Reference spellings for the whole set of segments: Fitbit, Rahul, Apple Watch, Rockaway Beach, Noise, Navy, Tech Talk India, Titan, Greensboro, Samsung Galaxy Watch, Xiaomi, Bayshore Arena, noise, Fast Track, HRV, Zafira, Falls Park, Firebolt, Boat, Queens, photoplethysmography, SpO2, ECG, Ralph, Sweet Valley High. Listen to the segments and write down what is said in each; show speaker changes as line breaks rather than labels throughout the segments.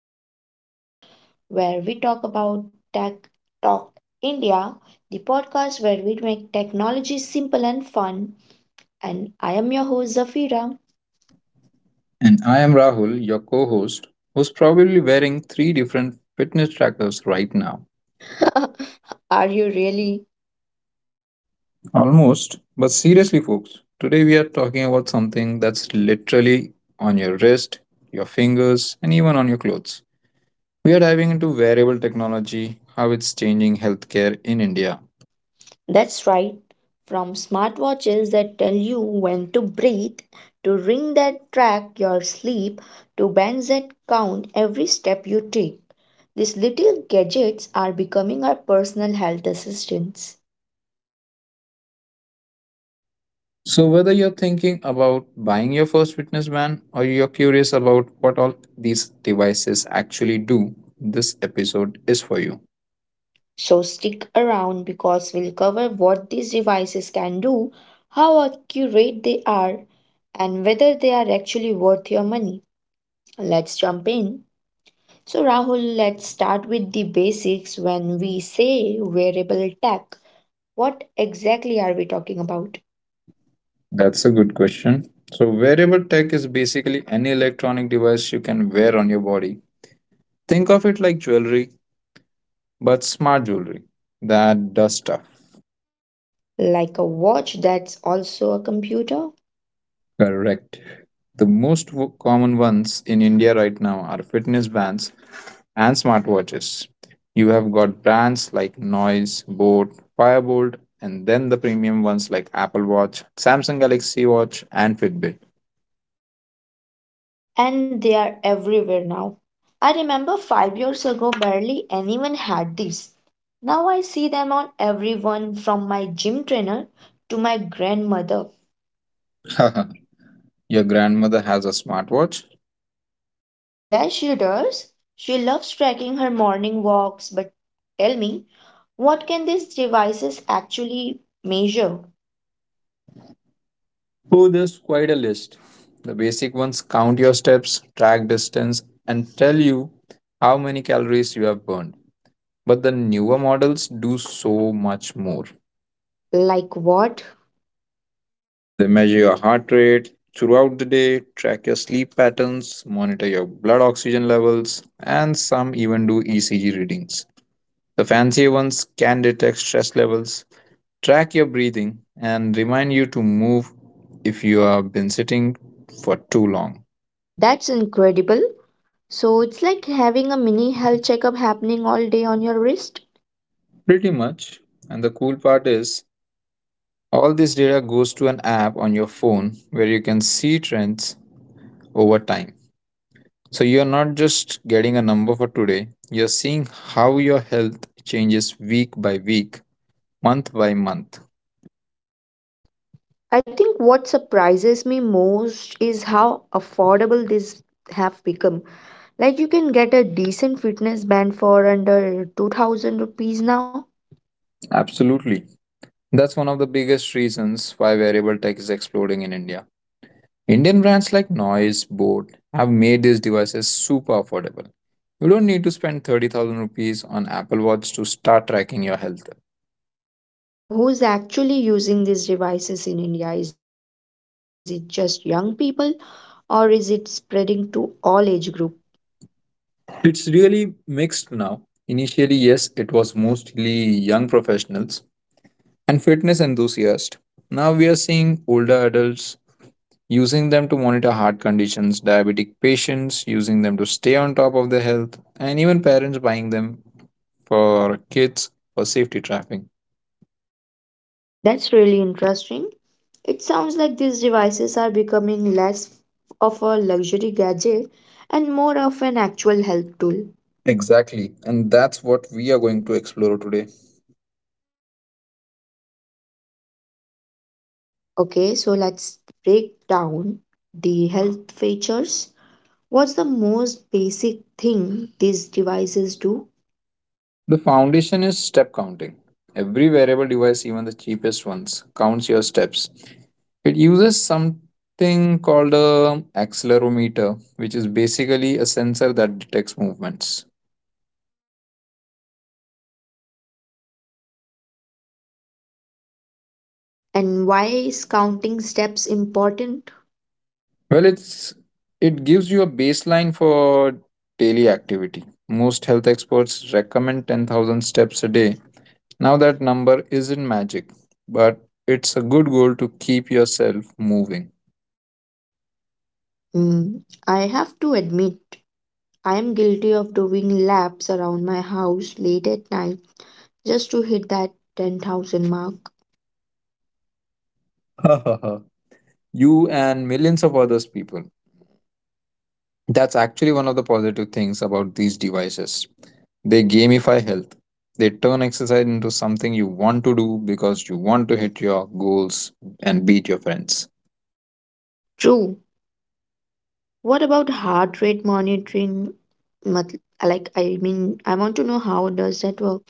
another episode where we talk about Tech Talk India, the podcast where we make technology simple and fun. And I am your host Zafira.
And I am Rahul, your co host, who's probably wearing three different fitness trackers right now.
Are you really?
Almost. But seriously, folks, today we are talking about something that's literally on your wrist, your fingers, and even on your clothes. We are diving into wearable technology, how it's changing healthcare in India.
That's right. From smartwatches that tell you when to breathe, to ring that track your sleep, to bands that count every step you take. These little gadgets are becoming our personal health assistants.
So, whether you're thinking about buying your first fitness band or you're curious about what all these devices actually do, this episode is for you.
So stick around because we'll cover what these devices can do, how accurate they are, and whether they are actually worth your money. Let's jump in. So, Rahul, let's start with the basics when we say wearable tech. What exactly are we talking about?
That's a good question. So, wearable tech is basically any electronic device you can wear on your body. Think of it like jewelry, but smart jewelry that does stuff.
Like a watch that's also a computer?
Correct. The most common ones in India right now are fitness bands and smartwatches. You have got brands like Noise, Boat, Firebolt, and then the premium ones like Apple Watch, Samsung Galaxy Watch, and Fitbit.
And they are everywhere now. I remember 5 years ago, barely anyone had these. Now I see them on everyone from my gym trainer to my grandmother.
Your grandmother has a smartwatch?
Yes, she does. She loves tracking her morning walks, but tell me, what can these devices actually measure?
Oh, there's quite a list. The basic ones count your steps, track distance, and tell you how many calories you have burned. But the newer models do so much more.
Like what?
They measure your heart rate throughout the day, track your sleep patterns, monitor your blood oxygen levels, and some even do ECG readings. The fancier ones can detect stress levels, track your breathing, and remind you to move if you have been sitting for too long.
That's incredible. So it's like having a mini health checkup happening all day on your wrist.
Pretty much. And the cool part is, all this data goes to an app on your phone where you can see trends over time. So you're not just getting a number for today, you're seeing how your health changes week by week, month by month.
I think what surprises me most is how affordable these have become. Like you can get a decent fitness band for under 2000 rupees now.
Absolutely. That's one of the biggest reasons why wearable tech is exploding in India. Indian brands like Noise, Boat have made these devices super affordable. You don't need to spend 30,000 rupees on Apple Watch to start tracking your health.
So who's actually using these devices in India? Is it just young people or is it spreading to all age group?
It's really mixed now. Initially, yes, it was mostly young professionals and fitness enthusiasts. Now we are seeing older adults using them to monitor heart conditions, diabetic patients using them to stay on top of their health, and even parents buying them for kids for safety traffic.
That's really interesting. It sounds like these devices are becoming less of a luxury gadget and more of an actual health tool.
Exactly, and that's what we are going to explore today.
Okay, so let's break down the health features. What's the most basic thing these devices do,
The foundation is step counting. Every wearable device, even the cheapest ones, counts your steps. It uses something called a accelerometer, which is basically a sensor that detects movements.
and why is counting steps important?
Well, it gives you a baseline for daily activity. Most health experts recommend 10,000 steps a day. Now that number isn't magic, but it's a good goal to keep yourself moving.
Mm, I have to admit, I am guilty of doing laps around my house late at night just to hit that 10,000 mark.
You and millions of others people. That's actually one of the positive things about these devices. They gamify health. They turn exercise into something you want to do because you want to hit your goals and beat your friends.
True. What about heart rate monitoring? Mat- Like, I mean, I want to know how does that work?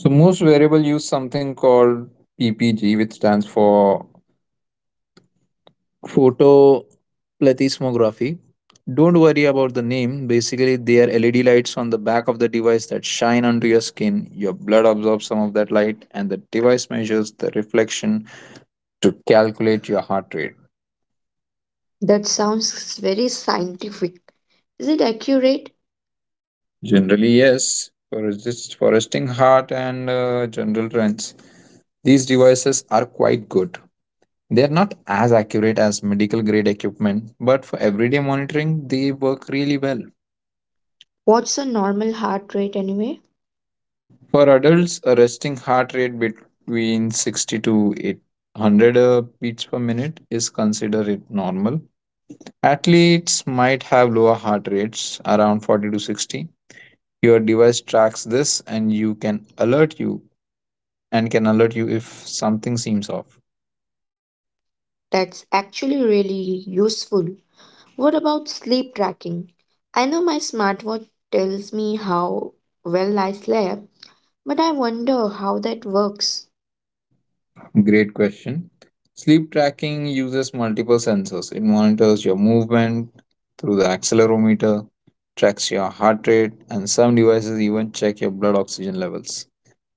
So most wearable use something called PPG, which stands for photoplethysmography. Don't worry about the name. Basically, they are LED lights on the back of the device that shine onto your skin. Your blood absorbs some of that light, and the device measures the reflection to calculate your heart rate.
That sounds very scientific. Is it accurate?
Generally, yes, for resting heart and general trends. These devices are quite good. They are not as accurate as medical grade equipment, but for everyday monitoring, they work really well.
What's a normal heart rate anyway?
For adults, a resting heart rate between 60 to 800 beats per minute is considered it normal. Athletes might have lower heart rates, around 40 to 60. Your device tracks this and you can alert you and can alert you if something seems off?
That's actually really useful. What about sleep tracking? I know my smartwatch tells me how well I slept, but I wonder how that works.
Great question. Sleep tracking uses multiple sensors. It monitors your movement through the accelerometer, tracks your heart rate, and some devices even check your blood oxygen levels.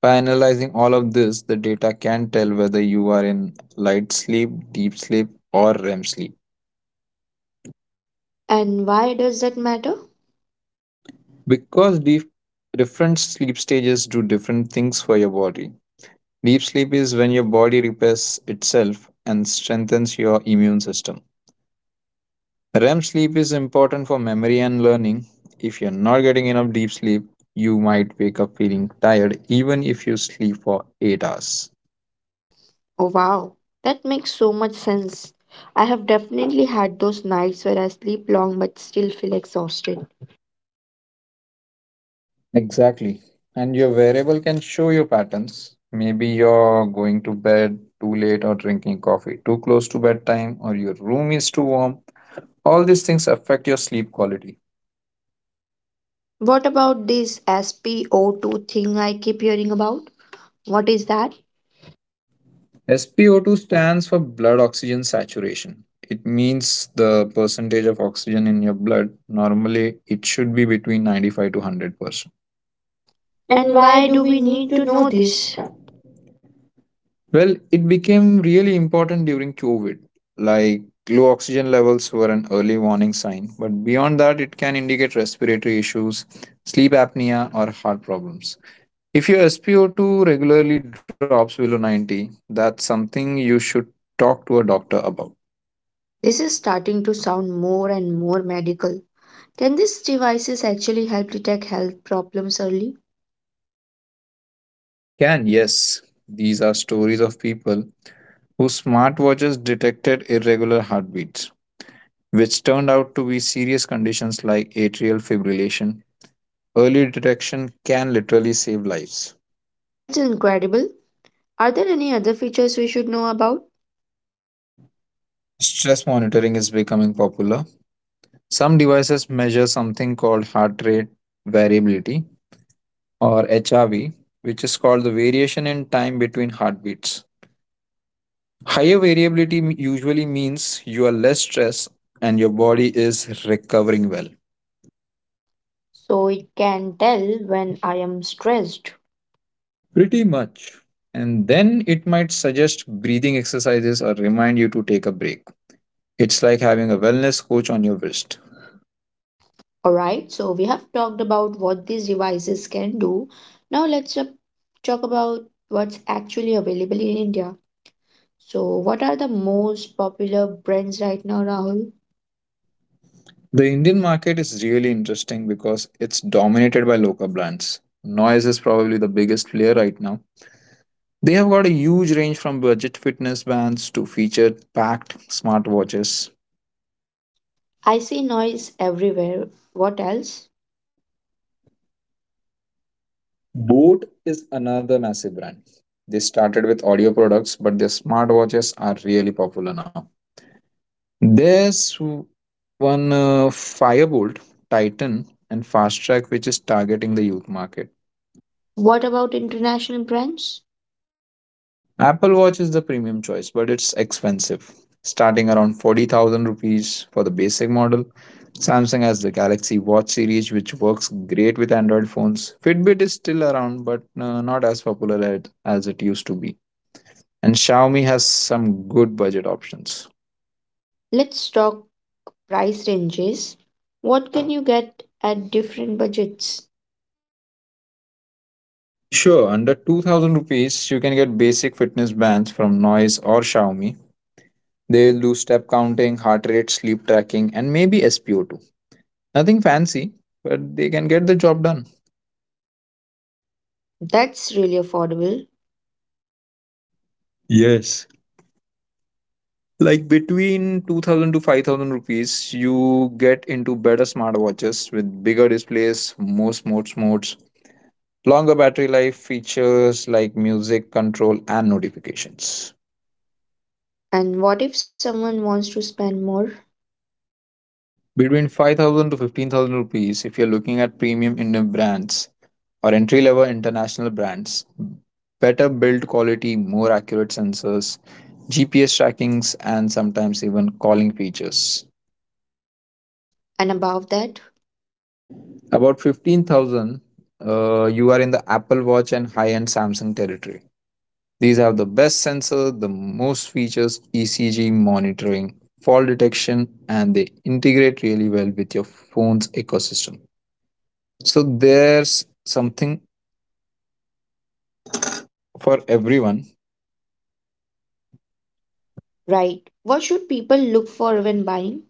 By analyzing all of this, the data can tell whether you are in light sleep, deep sleep, or REM sleep.
And why does that matter?
Because different sleep stages do different things for your body. Deep sleep is when your body repairs itself and strengthens your immune system. REM sleep is important for memory and learning. If you're not getting enough deep sleep, you might wake up feeling tired even if you sleep for 8 hours.
Oh wow, that makes so much sense. I have definitely had those nights where I sleep long but still feel exhausted.
Exactly. And your wearable can show your patterns. Maybe you're going to bed too late or drinking coffee too close to bedtime or your room is too warm. All these things affect your sleep quality.
What about this SpO2 thing I keep hearing about? What is that?
SpO2 stands for blood oxygen saturation. It means the percentage of oxygen in your blood. Normally, it should be between 95 to 100%. And
And
why
why
do
do
we
we
need
need
to
to
know
know
this?
this?
Well, it became really important during COVID. Like low oxygen levels were an early warning sign, but beyond that, it can indicate respiratory issues, sleep apnea, or heart problems. If your SpO2 regularly drops below 90, that's something you should talk to a doctor about.
This is starting to sound more and more medical. Can these devices actually help detect health problems early?
They can, yes. These are stories of people whose smartwatches detected irregular heartbeats, which turned out to be serious conditions like atrial fibrillation. Early detection can literally save lives.
That's incredible. Are there any other features we should know about?
Stress monitoring is becoming popular. Some devices measure something called heart rate variability or HRV, which is called the variation in time between heartbeats. Higher variability usually means you are less stressed and your body is recovering well.
So it can tell when I am stressed.
Pretty much. And then it might suggest breathing exercises or remind you to take a break. It's like having a wellness coach on your wrist.
Alright, so we have talked about what these devices can do. Now let's talk about what's actually available in India. So, what are the most popular brands right now, Rahul?
The Indian market is really interesting because it's dominated by local brands. Noise is probably the biggest player right now. They have got a huge range from budget fitness bands to feature packed smartwatches.
I see noise everywhere. What else?
Boat is another massive brand. They started with audio products, but their smartwatches are really popular now. There's one Firebolt, Titan, and Fast Track, which is targeting the youth market.
What about international brands?
Apple Watch is the premium choice, but it's expensive, starting around 40,000 rupees for the basic model. Samsung has the Galaxy Watch series, which works great with Android phones. Fitbit is still around, but not as popular as it used to be. And Xiaomi has some good budget options.
Let's talk price ranges. What can you get at different budgets?
Sure, under 2000 rupees, you can get basic fitness bands from Noise or Xiaomi. They'll do step counting, heart rate, sleep tracking, and maybe SPO2. Nothing fancy, but they can get the job done.
That's really affordable.
Yes. Like between 2000 to 5000 rupees, you get into better smartwatches with bigger displays, more sports modes, longer battery life features like music control and notifications.
And what if someone wants to spend more?
Between 5000 to 15,000 rupees if you're looking at premium Indian brands or entry level international brands. Better build quality, more accurate sensors, GPS trackings, and sometimes even calling features.
And above that,
About 15,000, you are in the Apple Watch and high end Samsung territory. These have the best sensor, the most features, ECG monitoring, fall detection, and they integrate really well with your phone's ecosystem. So there's something for everyone.
right, what should people look for when buying?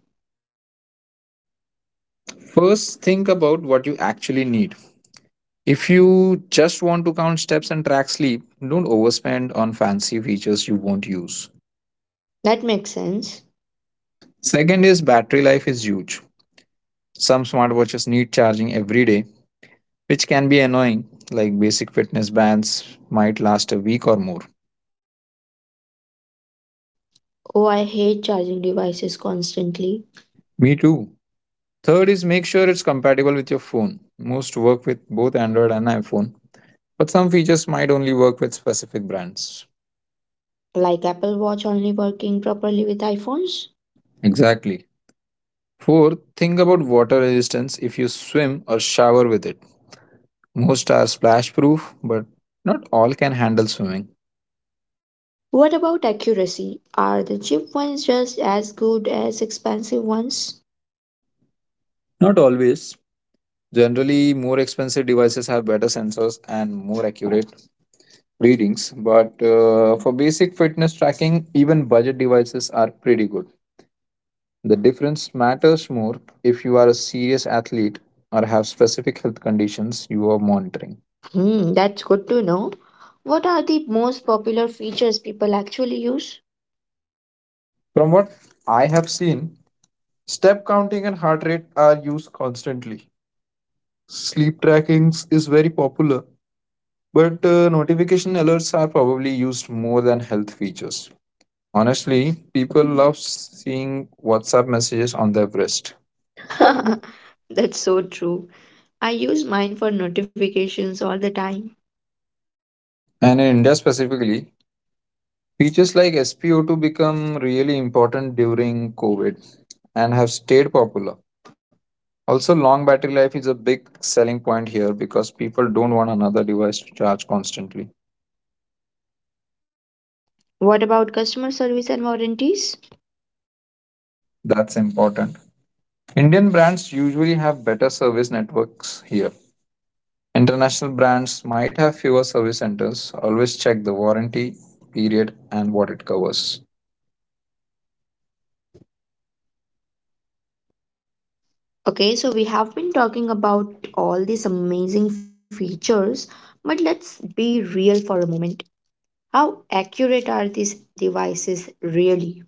First, think about what you actually need. If you just want to count steps and track sleep, don't overspend on fancy features you won't use.
That makes sense.
Second is battery life is huge. Some smartwatches need charging every day, which can be annoying, like basic fitness bands might last a week or more.
Oh, I hate charging devices constantly,
Me too. Third is make sure it's compatible with your phone. Most work with both Android and iPhone, but some features might only work with specific brands.
like Apple Watch only working properly with iPhones.
Exactly. Fourth, think about water resistance if you swim or shower with it. Most are splash proof, but not all can handle swimming.
What about accuracy? Are the cheap ones just as good as expensive ones?
Not always. Generally, more expensive devices have better sensors and more accurate readings, but for basic fitness tracking, even budget devices are pretty good. The difference matters more if you are a serious athlete or have specific health conditions you are monitoring.
Hmm, that's good to know. What are the most popular features people actually use?
From what I have seen, step counting and heart rate are used constantly. Sleep trackings is very popular, but notification alerts are probably used more than health features. Honestly, people love seeing WhatsApp messages on their wrist.
That's so true. I use mine for notifications all the time.
And in India specifically, features like SpO2 become really important during COVID and have stayed popular. Also, long battery life is a big selling point here because people don't want another device to charge constantly.
What about customer service and warranties?
That's important. Indian brands usually have better service networks here. International brands might have fewer service centers. Always check the warranty period and what it covers.
Okay, so we have been talking about all these amazing features, but let's be real for a moment. How accurate are these devices really?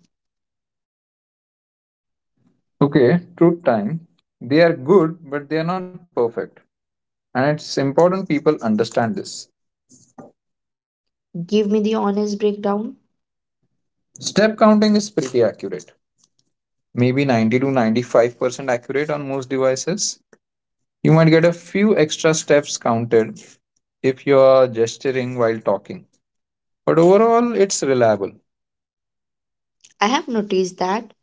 Okay, truth time. They are good, but they are not perfect. And it's important people understand this.
Give me the honest breakdown.
Step counting is pretty accurate. Maybe 90 to 95% accurate on most devices. You might get a few extra steps counted if you are gesturing while talking. But overall, it's reliable.
I have noticed that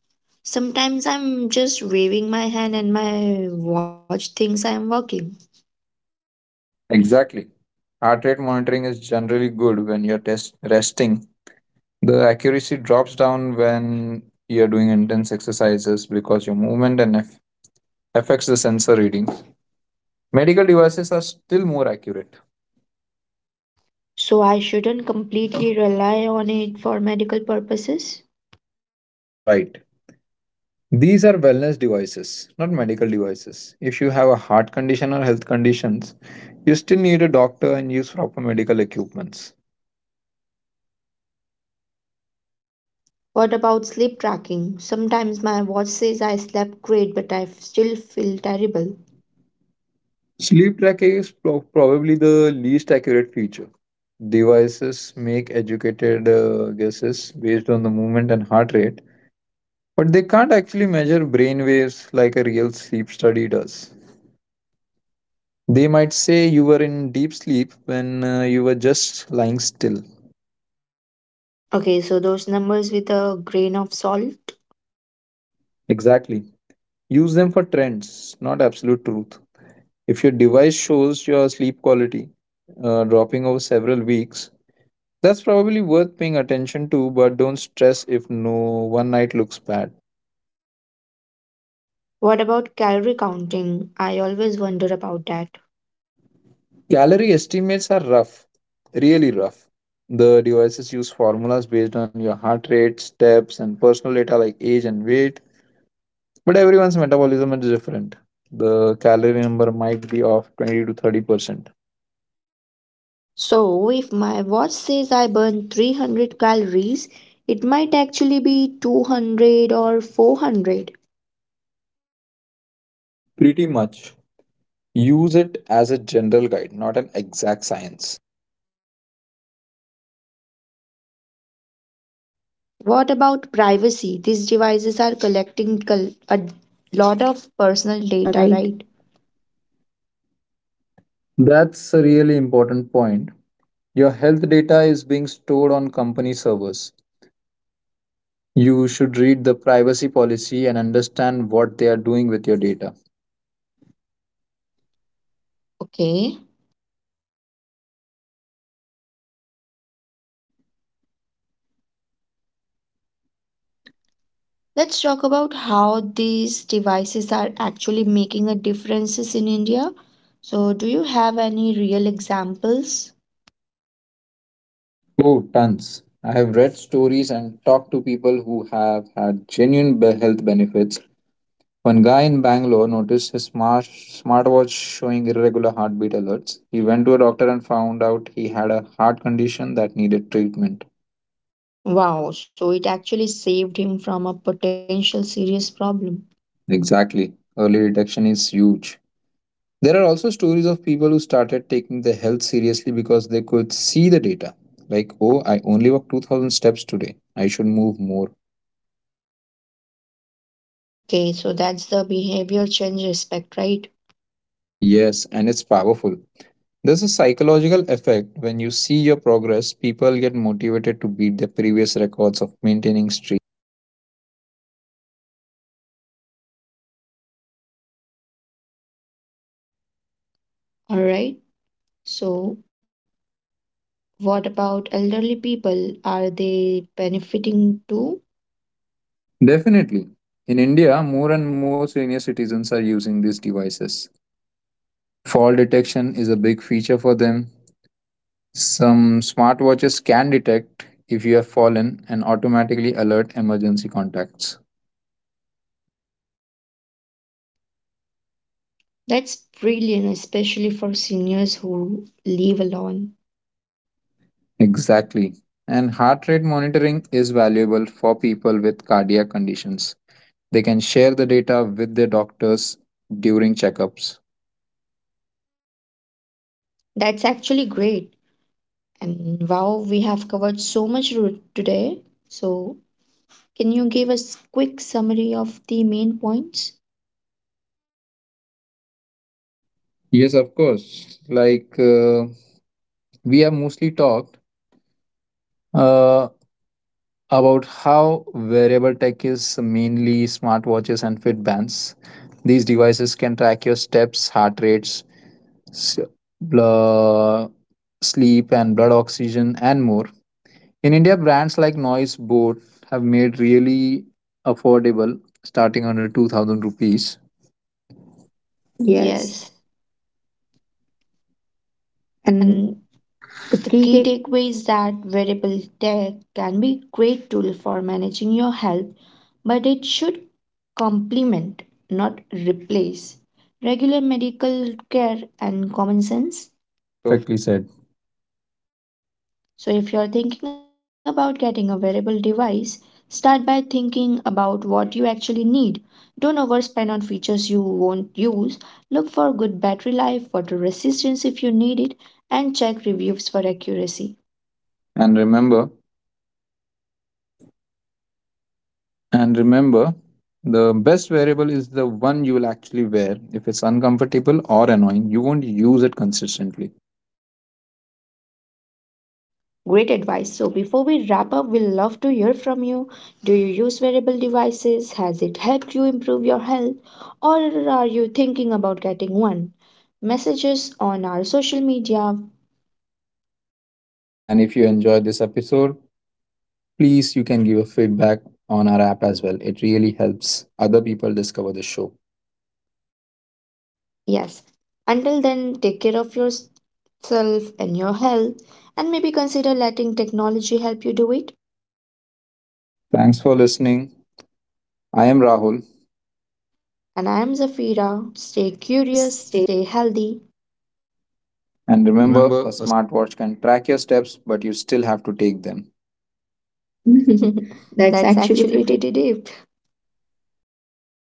sometimes I'm just waving my hand and my watch thinks I am working.
Exactly. Heart rate monitoring is generally good when you're test resting. The accuracy drops down when you're doing intense exercises because your movement and affects the sensor readings. Medical devices are still more accurate.
So I shouldn't completely rely on it for medical purposes.
Right. These are wellness devices, not medical devices. If you have a heart condition or health conditions, you still need a doctor and use proper medical equipments.
What about sleep tracking? Sometimes my watch says I slept great, but I still feel terrible.
Sleep tracking is probably the least accurate feature. Devices make educated guesses based on the movement and heart rate, but they can't actually measure brain waves like a real sleep study does. They might say you were in deep sleep when you were just lying still.
Okay, so those numbers with a grain of salt.
Exactly. Use them for trends, not absolute truth. If your device shows your sleep quality dropping over several weeks, that's probably worth paying attention to, but don't stress if no one night looks bad.
What about calorie counting? I always wonder about that.
Calorie estimates are rough, really rough. The devices use formulas based on your heart rate, steps, and personal data like age and weight, but everyone's metabolism is different. The calorie number might be off 20 to 30%.
So, if my watch says I burn 300 calories, it might actually be 200 or 400.
Pretty much. Use it as a general guide, not an exact science.
What about privacy? These devices are a lot of personal
Data,
data,
right?
right?
That's a really important point. Your health data is being stored on company servers. You should read the privacy policy and understand what they are doing with your data.
Okay. Let's talk about how these devices are actually making a differences in India. So, do you have any real examples?
Oh, tons. I have read stories and talked to people who have had genuine health benefits. One guy in Bangalore noticed his smartwatch showing irregular heartbeat alerts. He went to a doctor and found out he had a heart condition that needed treatment.
Wow, so it actually saved him from a potential serious problem.
Exactly. Early detection is huge. There are also stories of people who started taking their health seriously because they could see the data. Like, oh, I only walked 2000 steps today. I should move more.
Okay, so that's the behavior change aspect, right?
Yes, and it's powerful. There's a psychological effect when you see your progress, people get motivated to beat their previous records of maintaining streak.
All right. So, what about elderly people? Are they benefiting too?
Definitely. In India, more and more senior citizens are using these devices. Fall detection is a big feature for them. Some smartwatches can detect if you have fallen and automatically alert emergency contacts.
That's brilliant, especially for seniors who live alone.
Exactly. And heart rate monitoring is valuable for people with cardiac conditions. They can share the data with their doctors during checkups.
That's actually great. And wow, we have covered so much today. So, can you give us quick summary of the main points?
Yes, of course. Like we have mostly talked uh, about how wearable tech is mainly smartwatches and Fitbands. These devices can track your steps, heart rates, s- blood, sleep and blood oxygen and more. In India, brands like Noise Boat have made really affordable, starting under 2000 rupees. Yes.
Yes.
And
And
the
the
key
key
take
takeaway is that wearable tech can be a great tool for managing your health, but it should complement, not replace, regular medical care and common sense. Perf-
perfectly said.
So, if you're thinking about getting a wearable device, start by thinking about what you actually need. Don't overspend on features you won't use. Look for good battery life, water resistance if you need it, and check reviews for accuracy.
And remember, and remember, the best variable is the one you will actually wear. If it's uncomfortable or annoying, you won't use it consistently.
Great advice. So before we wrap up, we will love to hear from you. Do you use wearable devices? Has it helped you improve your health? Or are you thinking about getting one? Messages on our social media.
And if you enjoyed this episode, please, you can give a feedback on our app as well. It really helps other people discover the show.
Yes. Until then, take care of yourself and your health and maybe consider letting technology help you do it.
Thanks for listening. I am Rahul.
And I am Zafira. Stay
Curious
curious,
state.
stay healthy.
And
And
remember, a
remember, a
smartwatch can track your steps, but you still have to take them. That's
That's
actually
actually
pretty
pretty deep.